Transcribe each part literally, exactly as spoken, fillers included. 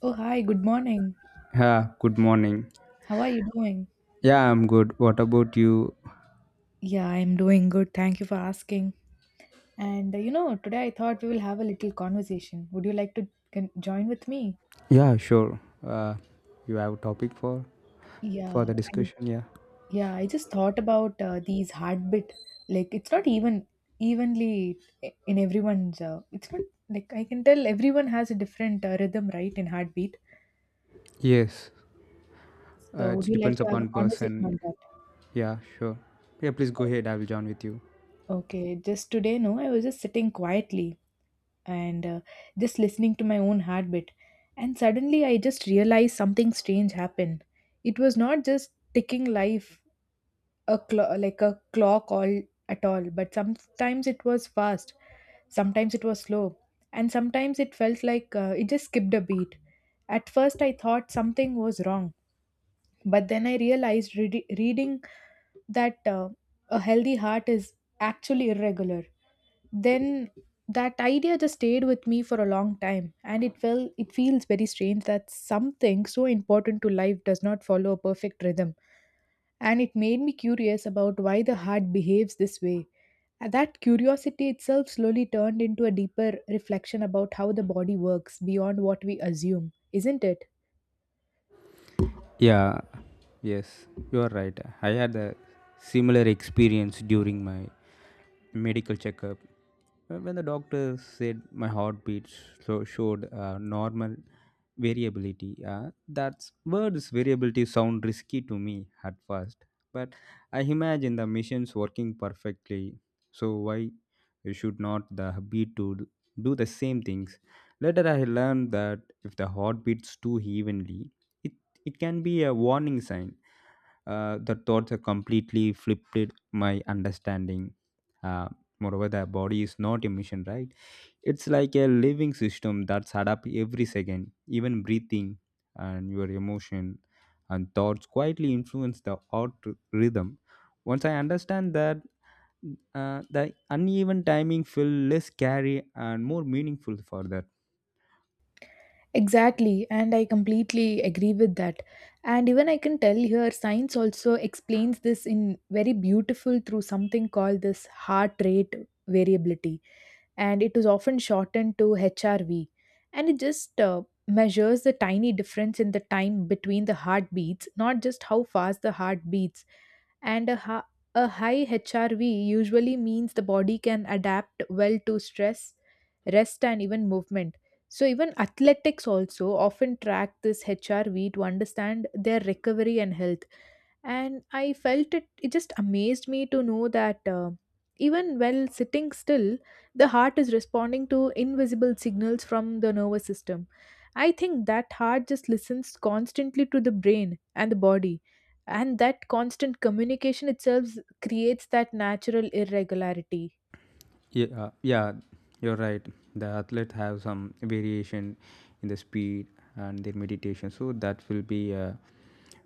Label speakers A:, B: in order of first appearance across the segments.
A: Oh, hi, good morning.
B: Yeah, good morning.
A: How are you doing?
B: Yeah, I'm good. What about you?
A: Yeah, I'm doing good. Thank you for asking. And uh, you know, today I thought we will have a little conversation. Would you like to con- join with me?
B: Yeah, sure. Uh, you have a topic for for
A: Yeah,
B: the
A: I,
B: discussion? Yeah.
A: yeah, I just thought about uh, these heartbeat. Like it's not even evenly in everyone's. Uh, it's not like I can tell everyone has a different uh, rhythm, right, in heartbeat.
B: Yes. Uh,
A: So
B: it
A: would you like
B: depends
A: to have a
B: upon
A: conversation
B: person.
A: on that?
B: Yeah, sure. Yeah, please go ahead. I will join with you.
A: Okay, just today, no, I was just sitting quietly and uh, just listening to my own heartbeat. And suddenly I just realized something strange happened. It was not just ticking life a clo- like a clock all at all, but sometimes it was fast, sometimes it was slow, and sometimes it felt like uh, it just skipped a beat. At first I thought something was wrong, but then I realized readi- reading that uh, a healthy heart is actually irregular. Then that idea just stayed with me for a long time, and it felt it feels very strange that something so important to life does not follow a perfect rhythm. And it made me curious about why the heart behaves this way, and that curiosity itself slowly turned into a deeper reflection about how the body works beyond what we assume, isn't it?
B: Yeah, yes, you are right. I had a similar experience during my medical checkup. Uh, When the doctor said my heartbeat so showed uh, normal variability. Uh, that words variability sound risky to me at first, but I imagine the machines working perfectly. So why should not the beat to do the same things? Later, I learned that if the heart beats too evenly, it it can be a warning sign. Uh, the thoughts have completely flipped it my understanding. Uh, moreover, the body is not a machine, right? It's like a living system that's adapt every second, even breathing and your emotion and thoughts quietly influence the heart rhythm. Once I understand that, uh, the uneven timing feel less scary and more meaningful for that.
A: Exactly, and I completely agree with that. And even I can tell here, science also explains this in very beautiful through something called this heart rate variability, and it is often shortened to H R V. And it just uh, measures the tiny difference in the time between the heartbeats, not just how fast the heart beats, and a, ha- a high H R V usually means the body can adapt well to stress, rest, and even movement. So even athletics also often track this H R V to understand their recovery and health. And I felt it, it just amazed me to know that, uh, even while sitting still, the heart is responding to invisible signals from the nervous system. I think that heart just listens constantly to the brain and the body. And that constant communication itself creates that natural irregularity.
B: Yeah, uh, yeah, you're right. The athlete have some variation in the speed and their meditation, so that will be a,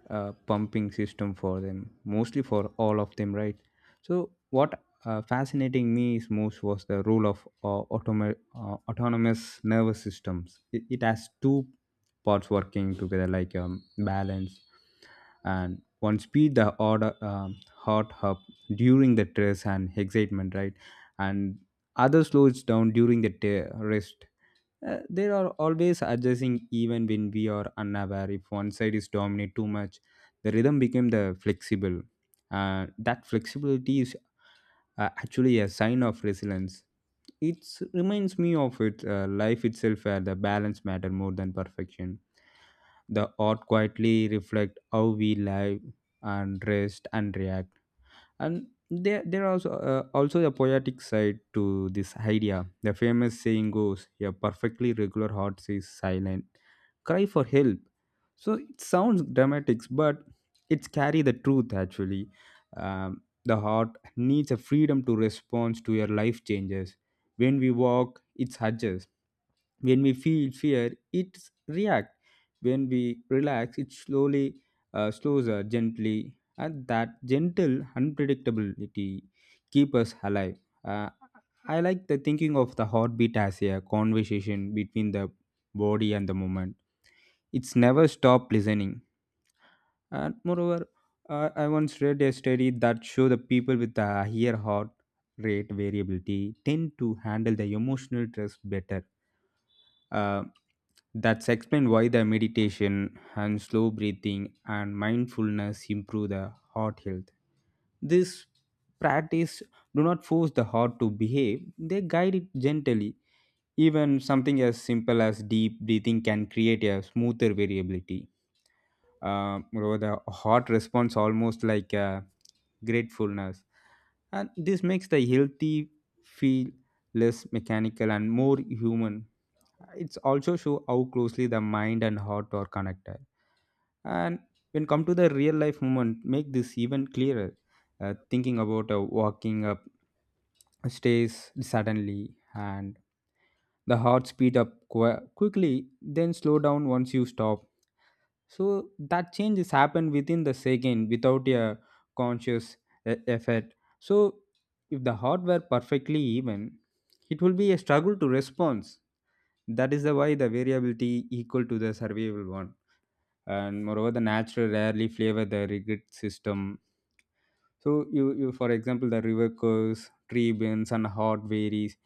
B: a pumping system for them, mostly for all of them, right? So what uh, fascinating me is most was the role of uh, automa- uh, autonomous nervous systems. It, it has two parts working together, like um, balance and one speed the order um, heart hub during the stress and excitement, right? And others slows down during the ta- rest. Uh, they are always adjusting even when we are unaware. If one side is dominant too much, the rhythm became the flexible. Uh, that flexibility is uh, actually a sign of resilience. It reminds me of it, uh, life itself where the balance matter more than perfection. The art quietly reflect how we live and rest and react. And there there are also uh, also a poetic side to this idea. The famous saying goes a perfectly regular heart says silent cry for help. So it sounds dramatic, but it's carry the truth actually. Um, the heart needs a freedom to respond to your life changes. When we walk, it adjusts. When we feel fear, it reacts. When we relax, it slowly uh, slows us gently. And that gentle unpredictability keep us alive. uh, I like the thinking of the heartbeat as a conversation between the body and the moment. It's never stop listening. And moreover, uh, I once read a study that showed the people with a higher heart rate variability tend to handle the emotional stress better. uh, that's explained why the meditation and slow breathing and mindfulness improve the heart health. This practice do not force the heart to behave, they guide it gently. Even something as simple as deep breathing can create a smoother variability. Uh, moreover, the heart responds almost like a gratefulness, and this makes the healthy feel less mechanical and more human. It's also show how closely the mind and heart are connected. And when come to the real life moment make this even clearer. Uh, thinking about uh, walking up stays suddenly, and the heart speed up qu- quickly, then slow down once you stop. So that change is happen within the second without a conscious e- effort. So if the heart were perfectly even, it will be a struggle to respond. That is the why the variability equal to the survivable one. And moreover, the natural rarely flavor the rigid system. So you, you for example, the river curves, tree bends, and hot varies.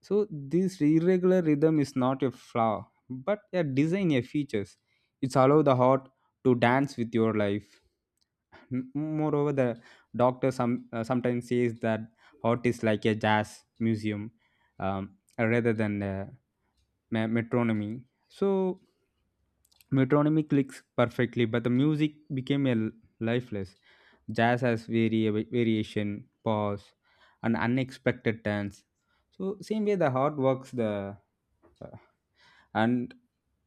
B: So this irregular rhythm is not a flaw, but a design a features. It's allow the heart to dance with your life. M- Moreover, the doctor some uh, sometimes says that heart is like a jazz museum, um, rather than a me- metronomy. So metronomy clicks perfectly, but the music became a l- lifeless. Jazz has vari- variation, pause, and unexpected turns. So same way the heart works the uh, and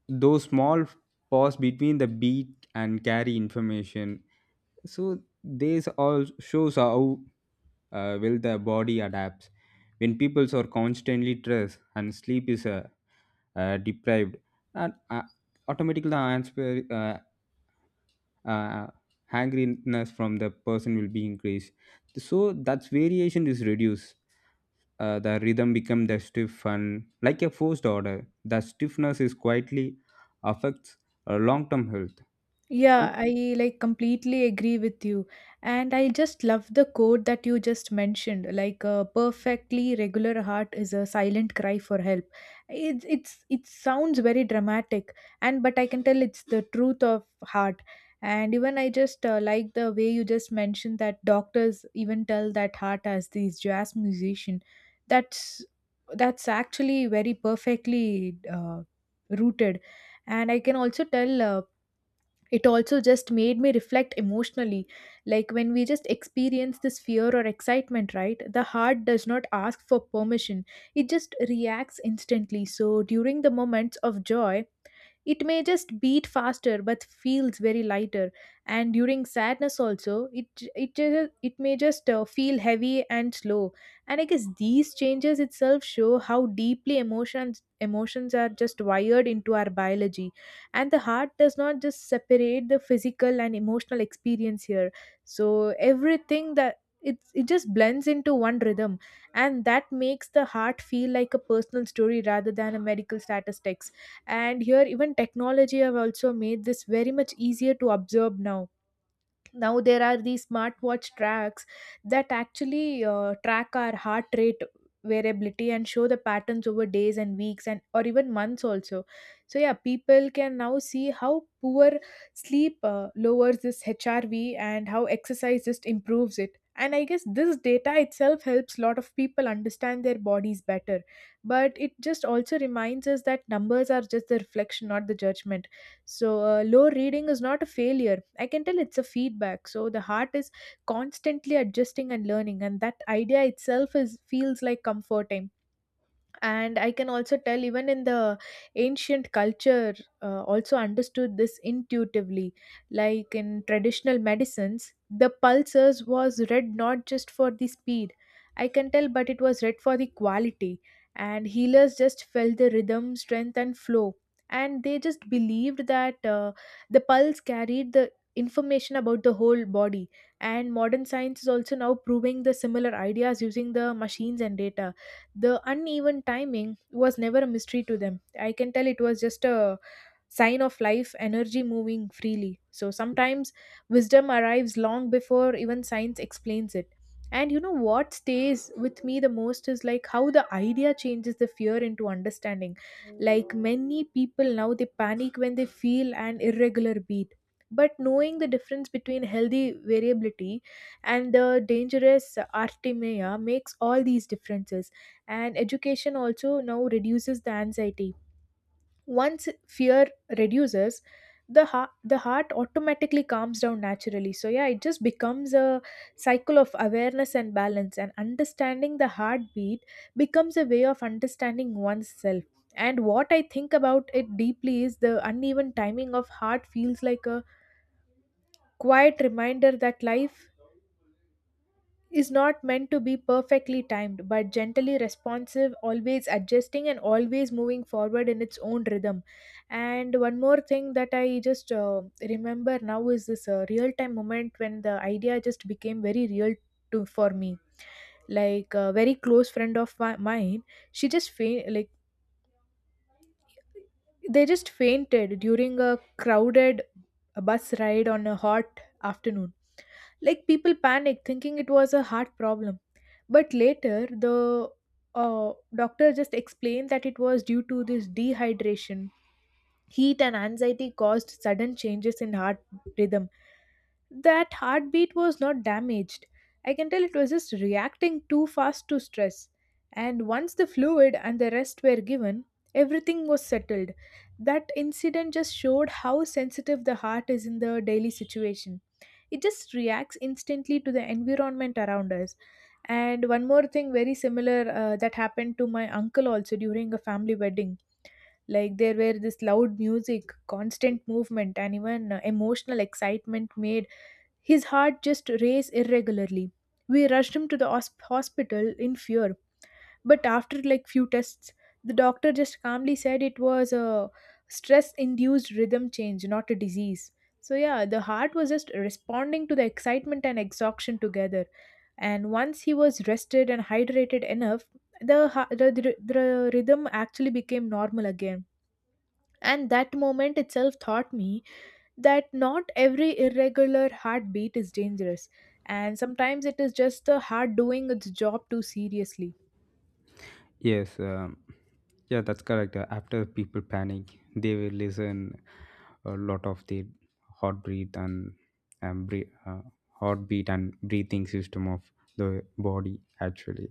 B: those small pause between the beat and carry information. So this all shows how uh, well the body adapts. When people are constantly stressed and sleep is a uh, deprived, and uh, automatically the answer uh, uh, hangriness from the person will be increased. So that's variation is reduced. Uh, the rhythm become the stiff and like a forced order. The stiffness is quietly affects uh, long-term health.
A: Yeah, I like completely agree with you. And I just love the quote that you just mentioned. Like a perfectly regular heart is a silent cry for help. It, it's it sounds very dramatic, and but I can tell it's the truth of heart. And even I just uh, like the way you just mentioned that doctors even tell that heart as these jazz musician. That's that's actually very perfectly uh, rooted. And I can also tell, uh, it also just made me reflect emotionally, like when we just experience this fear or excitement, right, the heart does not ask for permission. It just reacts instantly, so during the moments of joy it may just beat faster but feels very lighter. And during sadness also, it it ju- it may just uh, feel heavy and slow. And I guess these changes itself show how deeply emotions emotions are just wired into our biology. And the heart does not just separate the physical and emotional experience here. So everything that it, it just blends into one rhythm, and that makes the heart feel like a personal story rather than a medical statistics. And here even technology have also made this very much easier to observe. Now now there are these smartwatch tracks that actually uh, track our heart rate variability and show the patterns over days and weeks and or even months also. So yeah, people can now see how poor sleep uh, lowers this H R V and how exercise just improves it, and I guess this data itself helps lot of people understand their bodies better. But it just also reminds us that numbers are just the reflection, not the judgment. So, uh, low reading is not a failure. I can tell it's a feedback. So, the heart is constantly adjusting and learning, and that idea itself is feels like comforting. And I can also tell even in the ancient culture uh, also understood this intuitively, like in traditional medicines the pulses was read not just for the speed, I can tell, but it was read for the quality. And healers just felt the rhythm strength and flow, and they just believed that uh, the pulse carried the information about the whole body. And modern science is also now proving the similar ideas using the machines and data. The uneven timing was never a mystery to them. I can tell it was just a sign of life energy moving freely. So sometimes wisdom arrives long before even science explains it. And you know what stays with me the most is like how the idea changes the fear into understanding. Like many people now they panic when they feel an irregular beat. But knowing the difference between healthy variability and the dangerous artemia makes all these differences. And education also now reduces the anxiety. Once fear reduces, the heart the heart automatically calms down naturally. So yeah, it just becomes a cycle of awareness and balance, and understanding the heartbeat becomes a way of understanding oneself. And what I think about it deeply is the uneven timing of heart feels like a quiet reminder that life is not meant to be perfectly timed, but gently responsive, always adjusting, and always moving forward in its own rhythm. And one more thing that I just uh, remember now is this uh, real time moment when the idea just became very real to for me. Like a very close friend of mi- mine, she just fa- like they just fainted during a crowded bus ride on a hot afternoon. Like people panicked thinking it was a heart problem. But later, the uh, doctor just explained that it was due to this dehydration. Heat and anxiety caused sudden changes in heart rhythm. That heartbeat was not damaged. I can tell it was just reacting too fast to stress. And once the fluid and the rest were given, everything was settled. That incident just showed how sensitive the heart is in the daily situation. It just reacts instantly to the environment around us. And one more thing, very similar, uh, that happened to my uncle also during a family wedding. Like there were this loud music, constant movement, and even uh, emotional excitement made his heart just race irregularly. We rushed him to the hosp- hospital in fear, but after like few tests, the doctor just calmly said it was a stress-induced rhythm change, not a disease. So yeah, the heart was just responding to the excitement and exhaustion together. And once he was rested and hydrated enough, the, ha- the, the, the rhythm actually became normal again. And that moment itself taught me that not every irregular heartbeat is dangerous, and sometimes it is just the heart doing its job too seriously.
B: Yes, um, yeah, that's correct. Uh, After people panic, they will listen a lot of the hot breath and um, breathe, uh, heartbeat and breathing system of the body. Actually,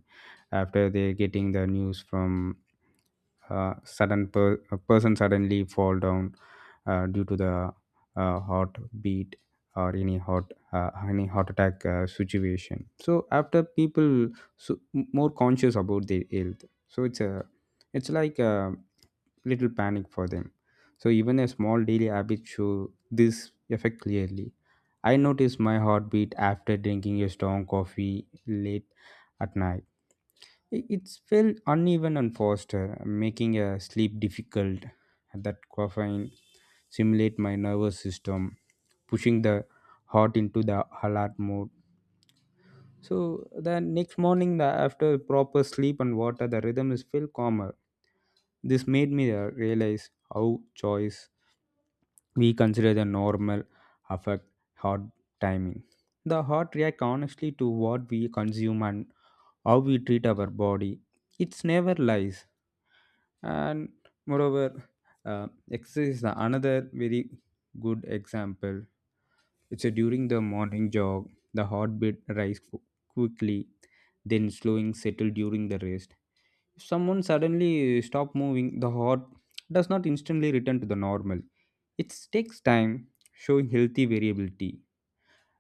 B: after they getting the news from uh, sudden per- a person suddenly fall down uh, due to the uh, heart beat or any heart uh, any heart attack uh, situation. So after people so more conscious about their health. So it's a it's like a little panic for them. So even a small daily habit show this effect clearly. I notice my heartbeat after drinking a strong coffee late at night. I- it's felt uneven and faster making a sleep difficult. That caffeine simulate my nervous system, pushing the heart into the alert mode. So the next morning, the, after proper sleep and water, the rhythm is feel calmer. This made me uh, realize how choice we consider the normal affect heart timing. The heart react honestly to what we consume and how we treat our body. It's never lies. And moreover, uh, exercise is another very good example. It's a During the morning jog, the heartbeat rise qu- quickly, then slowing settle during the rest. If someone suddenly stop moving, the heart does not instantly return to the normal. It takes time, showing healthy variability.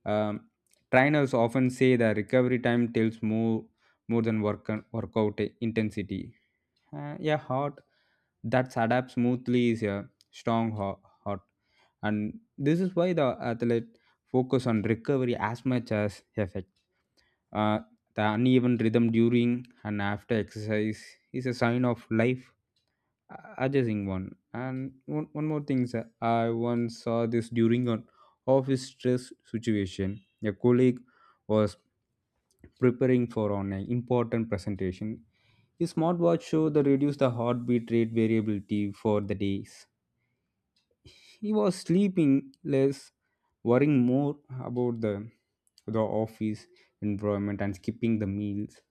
B: Um, trainers often say that recovery time tells more more than work workout intensity. Uh, yeah, hot that's adapt smoothly is a strong ho- hot, and this is why the athlete focus on recovery as much as effect. Uh, the uneven rhythm during and after exercise is a sign of life uh, adjusting one. And one, one more thing, sir, I once saw this during an office stress situation. A colleague was preparing for an important presentation. His smartwatch showed that reduced the heartbeat rate variability for the days. He was sleeping less, worrying more about the the office environment and skipping the meals.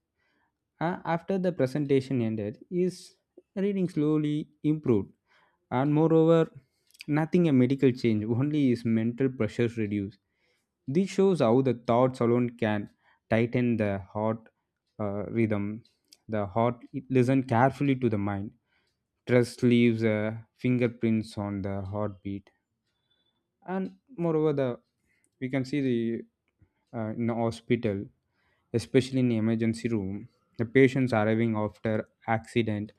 B: A- after the presentation ended, his reading slowly improved. And moreover, nothing a medical change, only is mental pressures reduced. This shows how the thoughts alone can tighten the heart uh, rhythm. The heart it listen carefully to the mind. Trust leaves uh, fingerprints on the heartbeat. And moreover, the we can see the uh, in the hospital, especially in the emergency room, the patients arriving after accident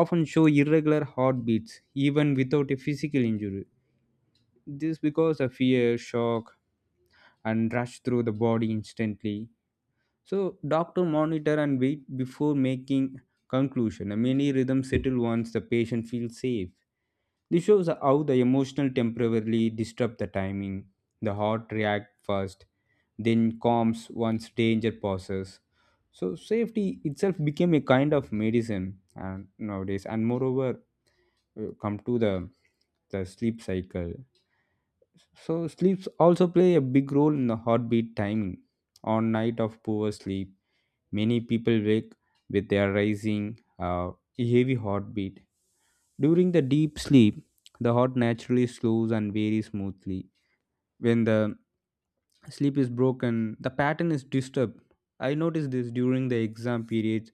B: often show irregular heartbeats even without a physical injury. This because of fear, shock, and rush through the body instantly. So doctor monitor and wait before making conclusion. Many rhythms settle once the patient feels safe. This shows how the emotional temporarily disrupt the timing. The heart reacts first, then calms once danger passes. So safety itself became a kind of medicine, and nowadays, and moreover, uh, come to the the sleep cycle. So sleeps also play a big role in the heartbeat timing. On night of poor sleep, many people wake with their rising uh, heavy heartbeat. During the deep sleep, the heart naturally slows and varies smoothly. When the sleep is broken, the pattern is disturbed. I noticed this during the exam periods.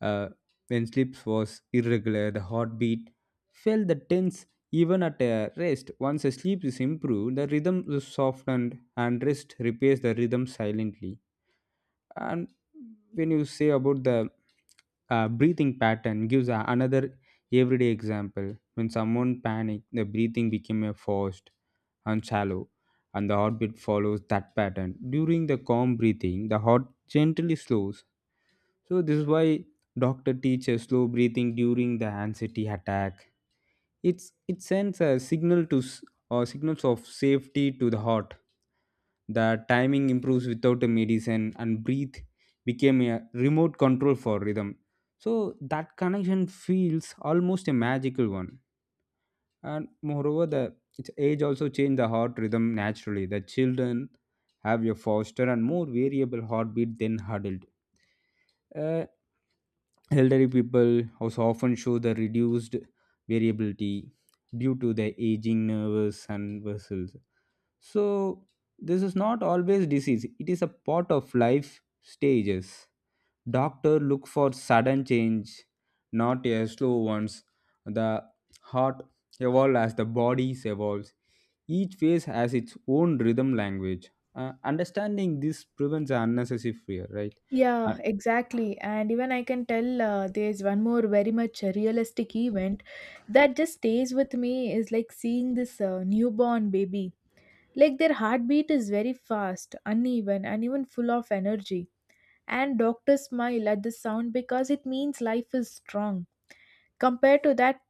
B: uh, when sleep was irregular, the heartbeat felt the tense even at a rest. Once the sleep is improved, the rhythm is softened and rest repairs the rhythm silently. And when you say about the uh, breathing pattern gives a- another everyday example. When someone panicked, the breathing became a forced and shallow, and the heartbeat follows that pattern. During the calm breathing, the heart gently slows. So this is why doctor teaches slow breathing during the anxiety attack. It's, it sends a signal to s- or signals of safety to the heart. The timing improves without a medicine, and breathe became a remote control for rhythm. So that connection feels almost a magical one. And moreover, the its age also changed the heart rhythm naturally. The children have a faster and more variable heartbeat than adult. uh, Elderly people also often show the reduced variability due to their aging nerves and vessels. So, this is not always disease, it is a part of life stages. Doctor look for sudden change, not a slow ones. The heart evolves as the body evolves. Each phase has its own rhythm language. Uh, understanding this prevents unnecessary fear, right?
A: Yeah,
B: Uh,
A: exactly. And even I can tell, uh, there's one more very much realistic event that just stays with me is like seeing this uh, newborn baby. Like their heartbeat is very fast, uneven, and even full of energy. And doctors smile at the sound because it means life is strong. Compared to that,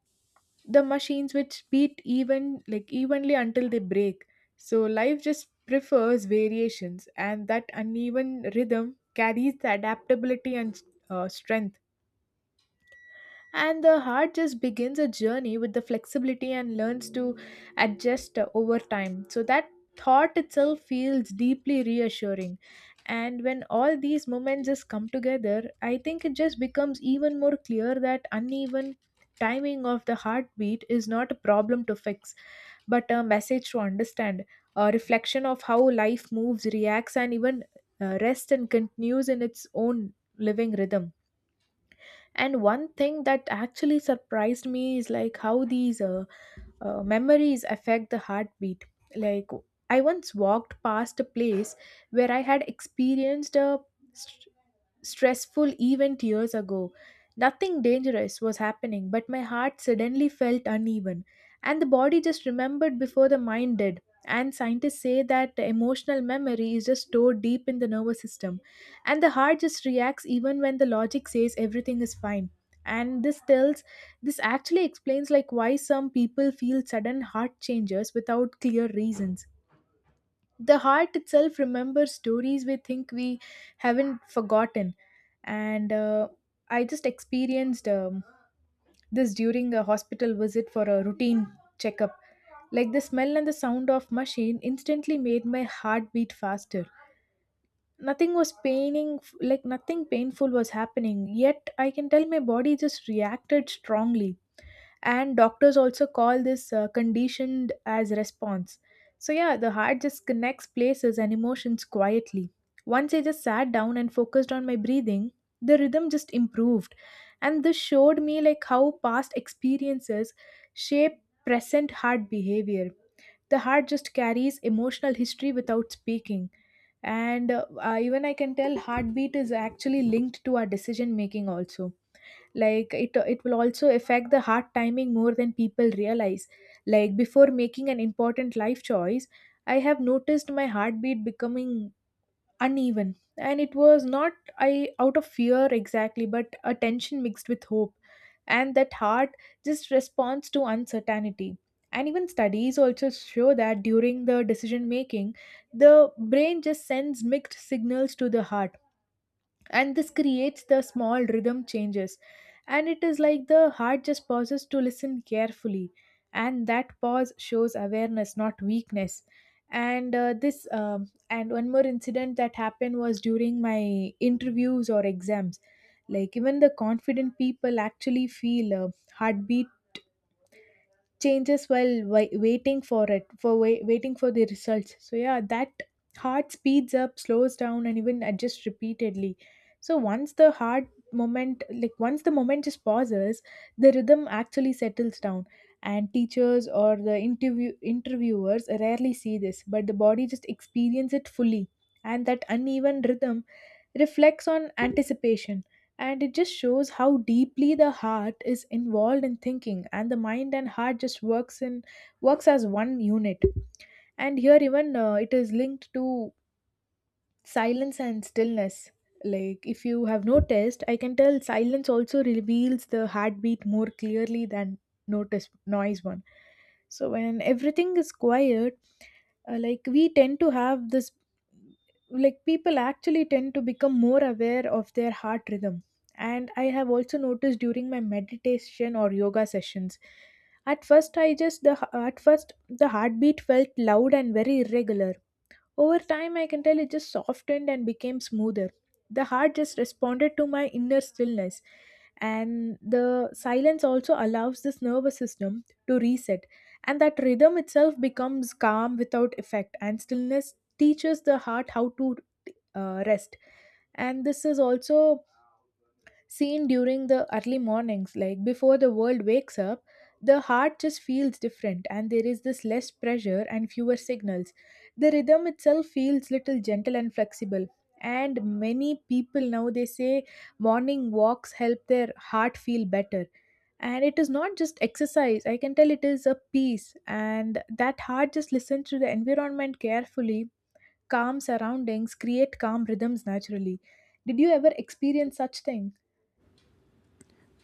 A: the machines which beat even like evenly until they break, so life just prefers variations, and that uneven rhythm carries the adaptability and uh, strength. And the heart just begins a journey with the flexibility and learns to adjust uh, over time, so that thought itself feels deeply reassuring. And when all these moments just come together, I think it just becomes even more clear that uneven timing of the heartbeat is not a problem to fix, but a message to understand, a reflection of how life moves, reacts, and even uh, rests and continues in its own living rhythm. And one thing that actually surprised me is like how these uh, uh, memories affect the heartbeat. Like I once walked past a place where I had experienced a st- stressful event years ago. Nothing dangerous was happening, but my heart suddenly felt uneven, and the body just remembered before the mind did. And scientists say that emotional memory is just stored deep in the nervous system, and the heart just reacts even when the logic says everything is fine. And this tells this actually explains like why some people feel sudden heart changes without clear reasons. The heart itself remembers stories we think we haven't forgotten. And uh, I just experienced um, this during a hospital visit for a routine checkup. Like the smell and the sound of machine instantly made my heart beat faster. Nothing was paining, like nothing painful was happening, yet I can tell my body just reacted strongly. And doctors also call this uh, conditioned as response. So yeah, the heart just connects places and emotions quietly. Once I just sat down and focused on my breathing, the rhythm just improved. And this showed me Like how past experiences shape present heart behavior. The heart just carries emotional history without speaking. And uh, uh, even I can tell heartbeat is actually linked to our decision making also. Like it it will also affect the heart timing more than people realize. Like before making an important life choice, I have noticed my heartbeat becoming uneven, and it was not I out of fear exactly, but a tension mixed with hope. And that heart just responds to uncertainty. And even studies also show that during the decision making, the brain just sends mixed signals to the heart, and this creates the small rhythm changes. And it is like the heart just pauses to listen carefully, and that pause shows awareness, not weakness. And uh, this um, and one more incident that happened was during my interviews or exams. Like even the confident people actually feel a heartbeat changes while wai- waiting for it for wai- waiting for the results. So yeah, that heart speeds up, slows down, and even adjusts repeatedly. So once the heart moment like once the moment just pauses, the rhythm actually settles down. And teachers or the interview interviewers rarely see this, but the body just experience it fully. And that uneven rhythm reflects on anticipation, and it just shows how deeply the heart is involved in thinking, and the mind and heart just works in works as one unit. And here, even uh, it is linked to silence and stillness. Like if you have noticed, I can tell silence also reveals the heartbeat more clearly than notice noise one. So when everything is quiet, uh, like we tend to have this, like people actually tend to become more aware of their heart rhythm. And I have also noticed during my meditation or yoga sessions, at first i just the at first the heartbeat felt loud and very irregular. Over time, I can tell it just softened and became smoother. The heart just responded to my inner stillness. And the silence also allows this nervous system to reset. And that rhythm itself becomes calm without effect. And stillness teaches the heart how to uh, rest. And this is also seen during the early mornings. Like before the world wakes up, the heart just feels different, and there is this less pressure and fewer signals. The rhythm itself feels little gentle and flexible. And many people now, they say morning walks help their heart feel better. And it is not just exercise, I can tell it is a peace, and that heart just listens to the environment carefully. Calm surroundings create calm rhythms naturally. Did you ever experience such thing?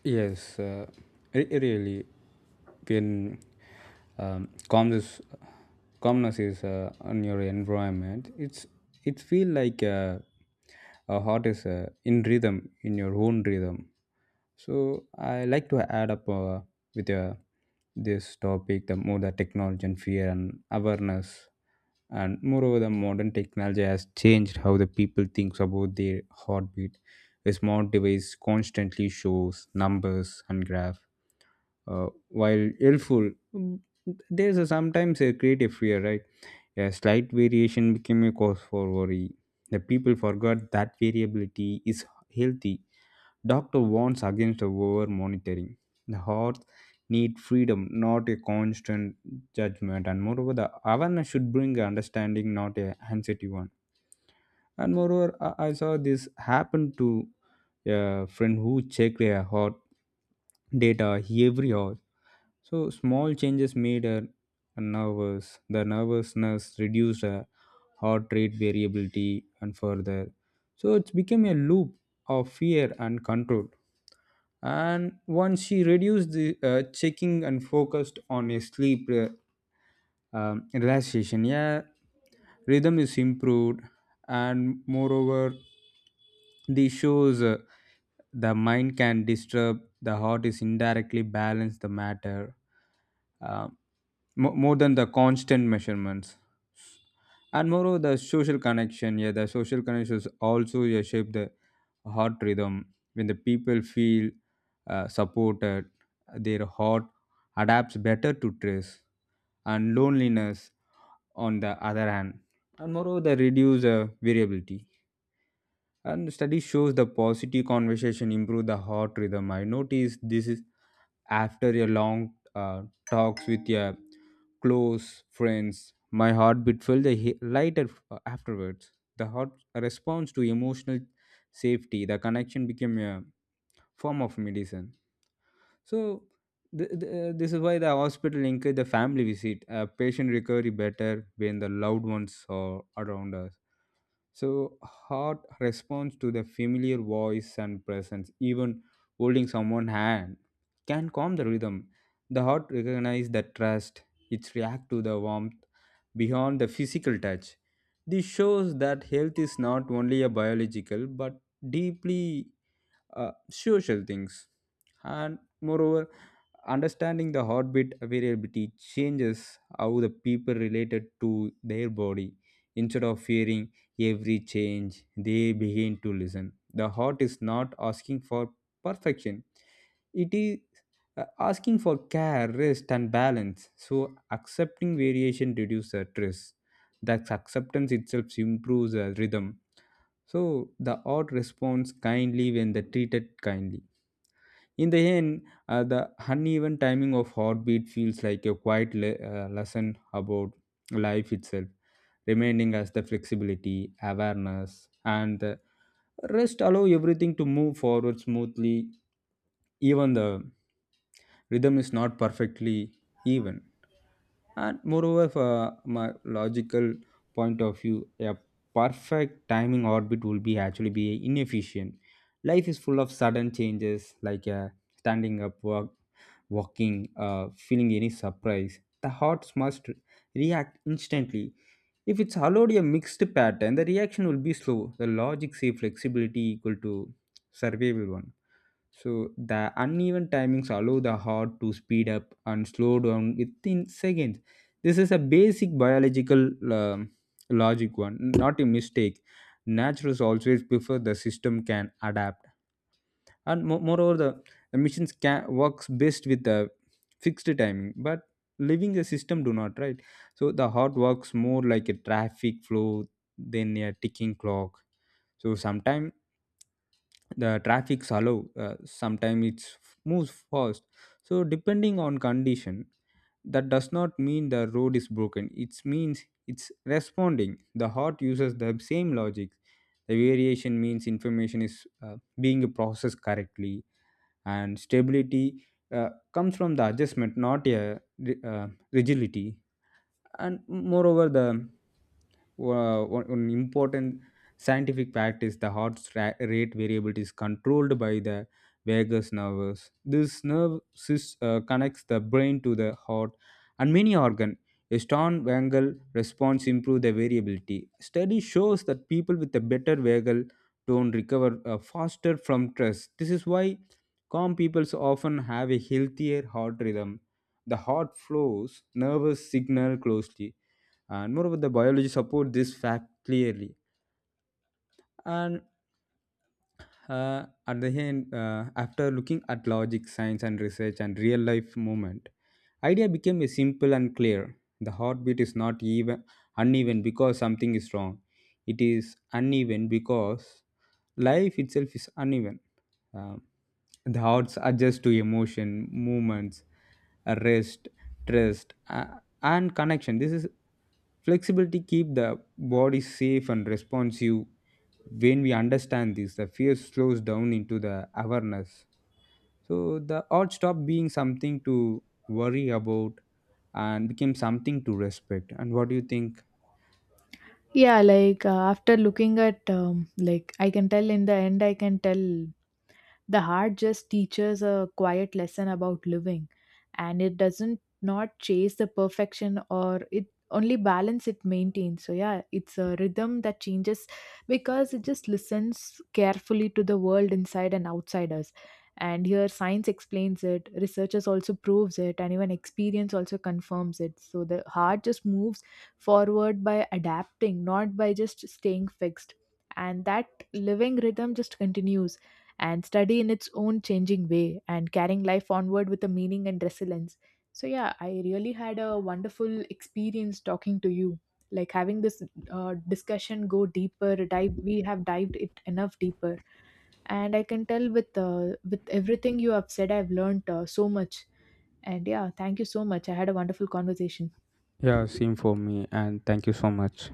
B: Yes, uh, it, really when um, calmness calmness is uh, on your environment. It's it feel like uh, a heart is uh, in rhythm in your own rhythm. So I like to add up uh, with uh, this topic, the more the technology and fear and awareness. And moreover, the modern technology has changed how the people thinks about their heartbeat. A smart device constantly shows numbers and graph. Uh, while helpful, mm, there's a sometimes a creative fear, right? A slight variation became a cause for worry. The people forgot that variability is healthy. Doctor warns against over monitoring the heart. Need freedom, not a constant judgment. And moreover, the awareness should bring understanding, not a anxiety one. And moreover, i I saw this happen to a friend who checked her hot data every hour, so small changes made her nervous. The nervousness reduced her heart rate variability and further, so it's became a loop of fear and control. And once she reduced the uh, checking and focused on a sleep, uh, um, relaxation, yeah, rhythm is improved. And moreover, this shows uh, the mind can disturb, the heart is indirectly balance the matter, uh, mo- more than the constant measurements. And moreover, the social connection, yeah, the social connections also, yeah, shape the heart rhythm. When the people feel uh, supported, their heart adapts better to stress and loneliness on the other hand. And moreover, they reduce uh, variability. And study shows the positive conversation improve the heart rhythm. I notice this is after a long uh, talks with your close friends. My heartbeat felt a he- lighter f- uh, afterwards. The heart responds to emotional safety. The connection became a form of medicine. So th- th- uh, this is why the hospital encourage the family visit. A patient recovery better when the loved ones are around us. So, heart responds to the familiar voice and presence, even holding someone's hand, can calm the rhythm. The heart recognizes the trust, it reacts to the warmth beyond the physical touch. This shows that health is not only a biological but deeply uh, social things. And moreover, understanding the heartbeat variability changes how the people related to their body. Instead of fearing every change, they begin to listen. The heart is not asking for perfection, it is uh, asking for care, rest and balance. So accepting variation reduces the stress. That acceptance itself improves the rhythm. So the art responds kindly when they treated kindly. In the end, uh, the uneven timing of heartbeat feels like a quiet le- uh, lesson about life itself, reminding us the flexibility, awareness, and the rest allow everything to move forward smoothly, even the rhythm is not perfectly even. And moreover, for my logical point of view, a perfect timing orbit will be actually be inefficient. Life is full of sudden changes, like a standing up, walk, walking, uh, feeling any surprise. The heart must react instantly. If it's allowed a mixed pattern, the reaction will be slow. The logic say flexibility equal to survival one. So the uneven timings allow the heart to speed up and slow down within seconds. This is a basic biological um, logic one, not a mistake. Naturals always prefer the system can adapt. And mo- moreover, the missions can works best with a fixed timing, but living a system do not, right? So the heart works more like a traffic flow than a ticking clock. So sometimes the traffic slow, uh, sometimes it moves fast, so depending on condition. That does not mean the road is broken, it means it's responding. The heart uses the same logic. The variation means information is uh, being processed correctly, and stability uh, comes from the adjustment, not a ri- uh, rigidity. And moreover, the uh, one, one important scientific fact is the heart stra- rate variability is controlled by the vagus nerves. This nerve sys- uh, connects the brain to the heart and many organ. A strong vagal response improve the variability. Study shows that people with a better vagal tone recover uh, faster from stress. This is why calm people often have a healthier heart rhythm. The heart flows nervous signal closely, and moreover, the biology support this fact clearly. And uh, at the end, uh, after looking at logic, science and research and real life movement, idea became a simple and clear. The heartbeat is not even, uneven because something is wrong. It is uneven because life itself is uneven. Um, the hearts adjust to emotion movements, uh, rest, trust, uh, and connection. This is flexibility, keep the body safe and responsive. When we understand this, the fear slows down into the awareness. So the art stopped being something to worry about and became something to respect. And what do you think?
A: Yeah, like uh, after looking at, um, like I can tell, in the end, I can tell the heart just teaches a quiet lesson about living, and it doesn't not chase the perfection or it only balance it maintains. So yeah, it's a rhythm that changes because it just listens carefully to the world inside and outside us. And here science explains it, researchers also proves it, and even experience also confirms it. So the heart just moves forward by adapting, not by just staying fixed. And that living rhythm just continues and study in its own changing way, and carrying life onward with a meaning and resilience. So yeah, I really had a wonderful experience talking to you. Like having this uh, discussion go deeper, dive, we have dived it enough deeper, and I can tell with uh, with everything you have said, I've learned uh, so much. And yeah, thank you so much. I had a wonderful conversation.
B: Yeah, same for me, and thank you so much.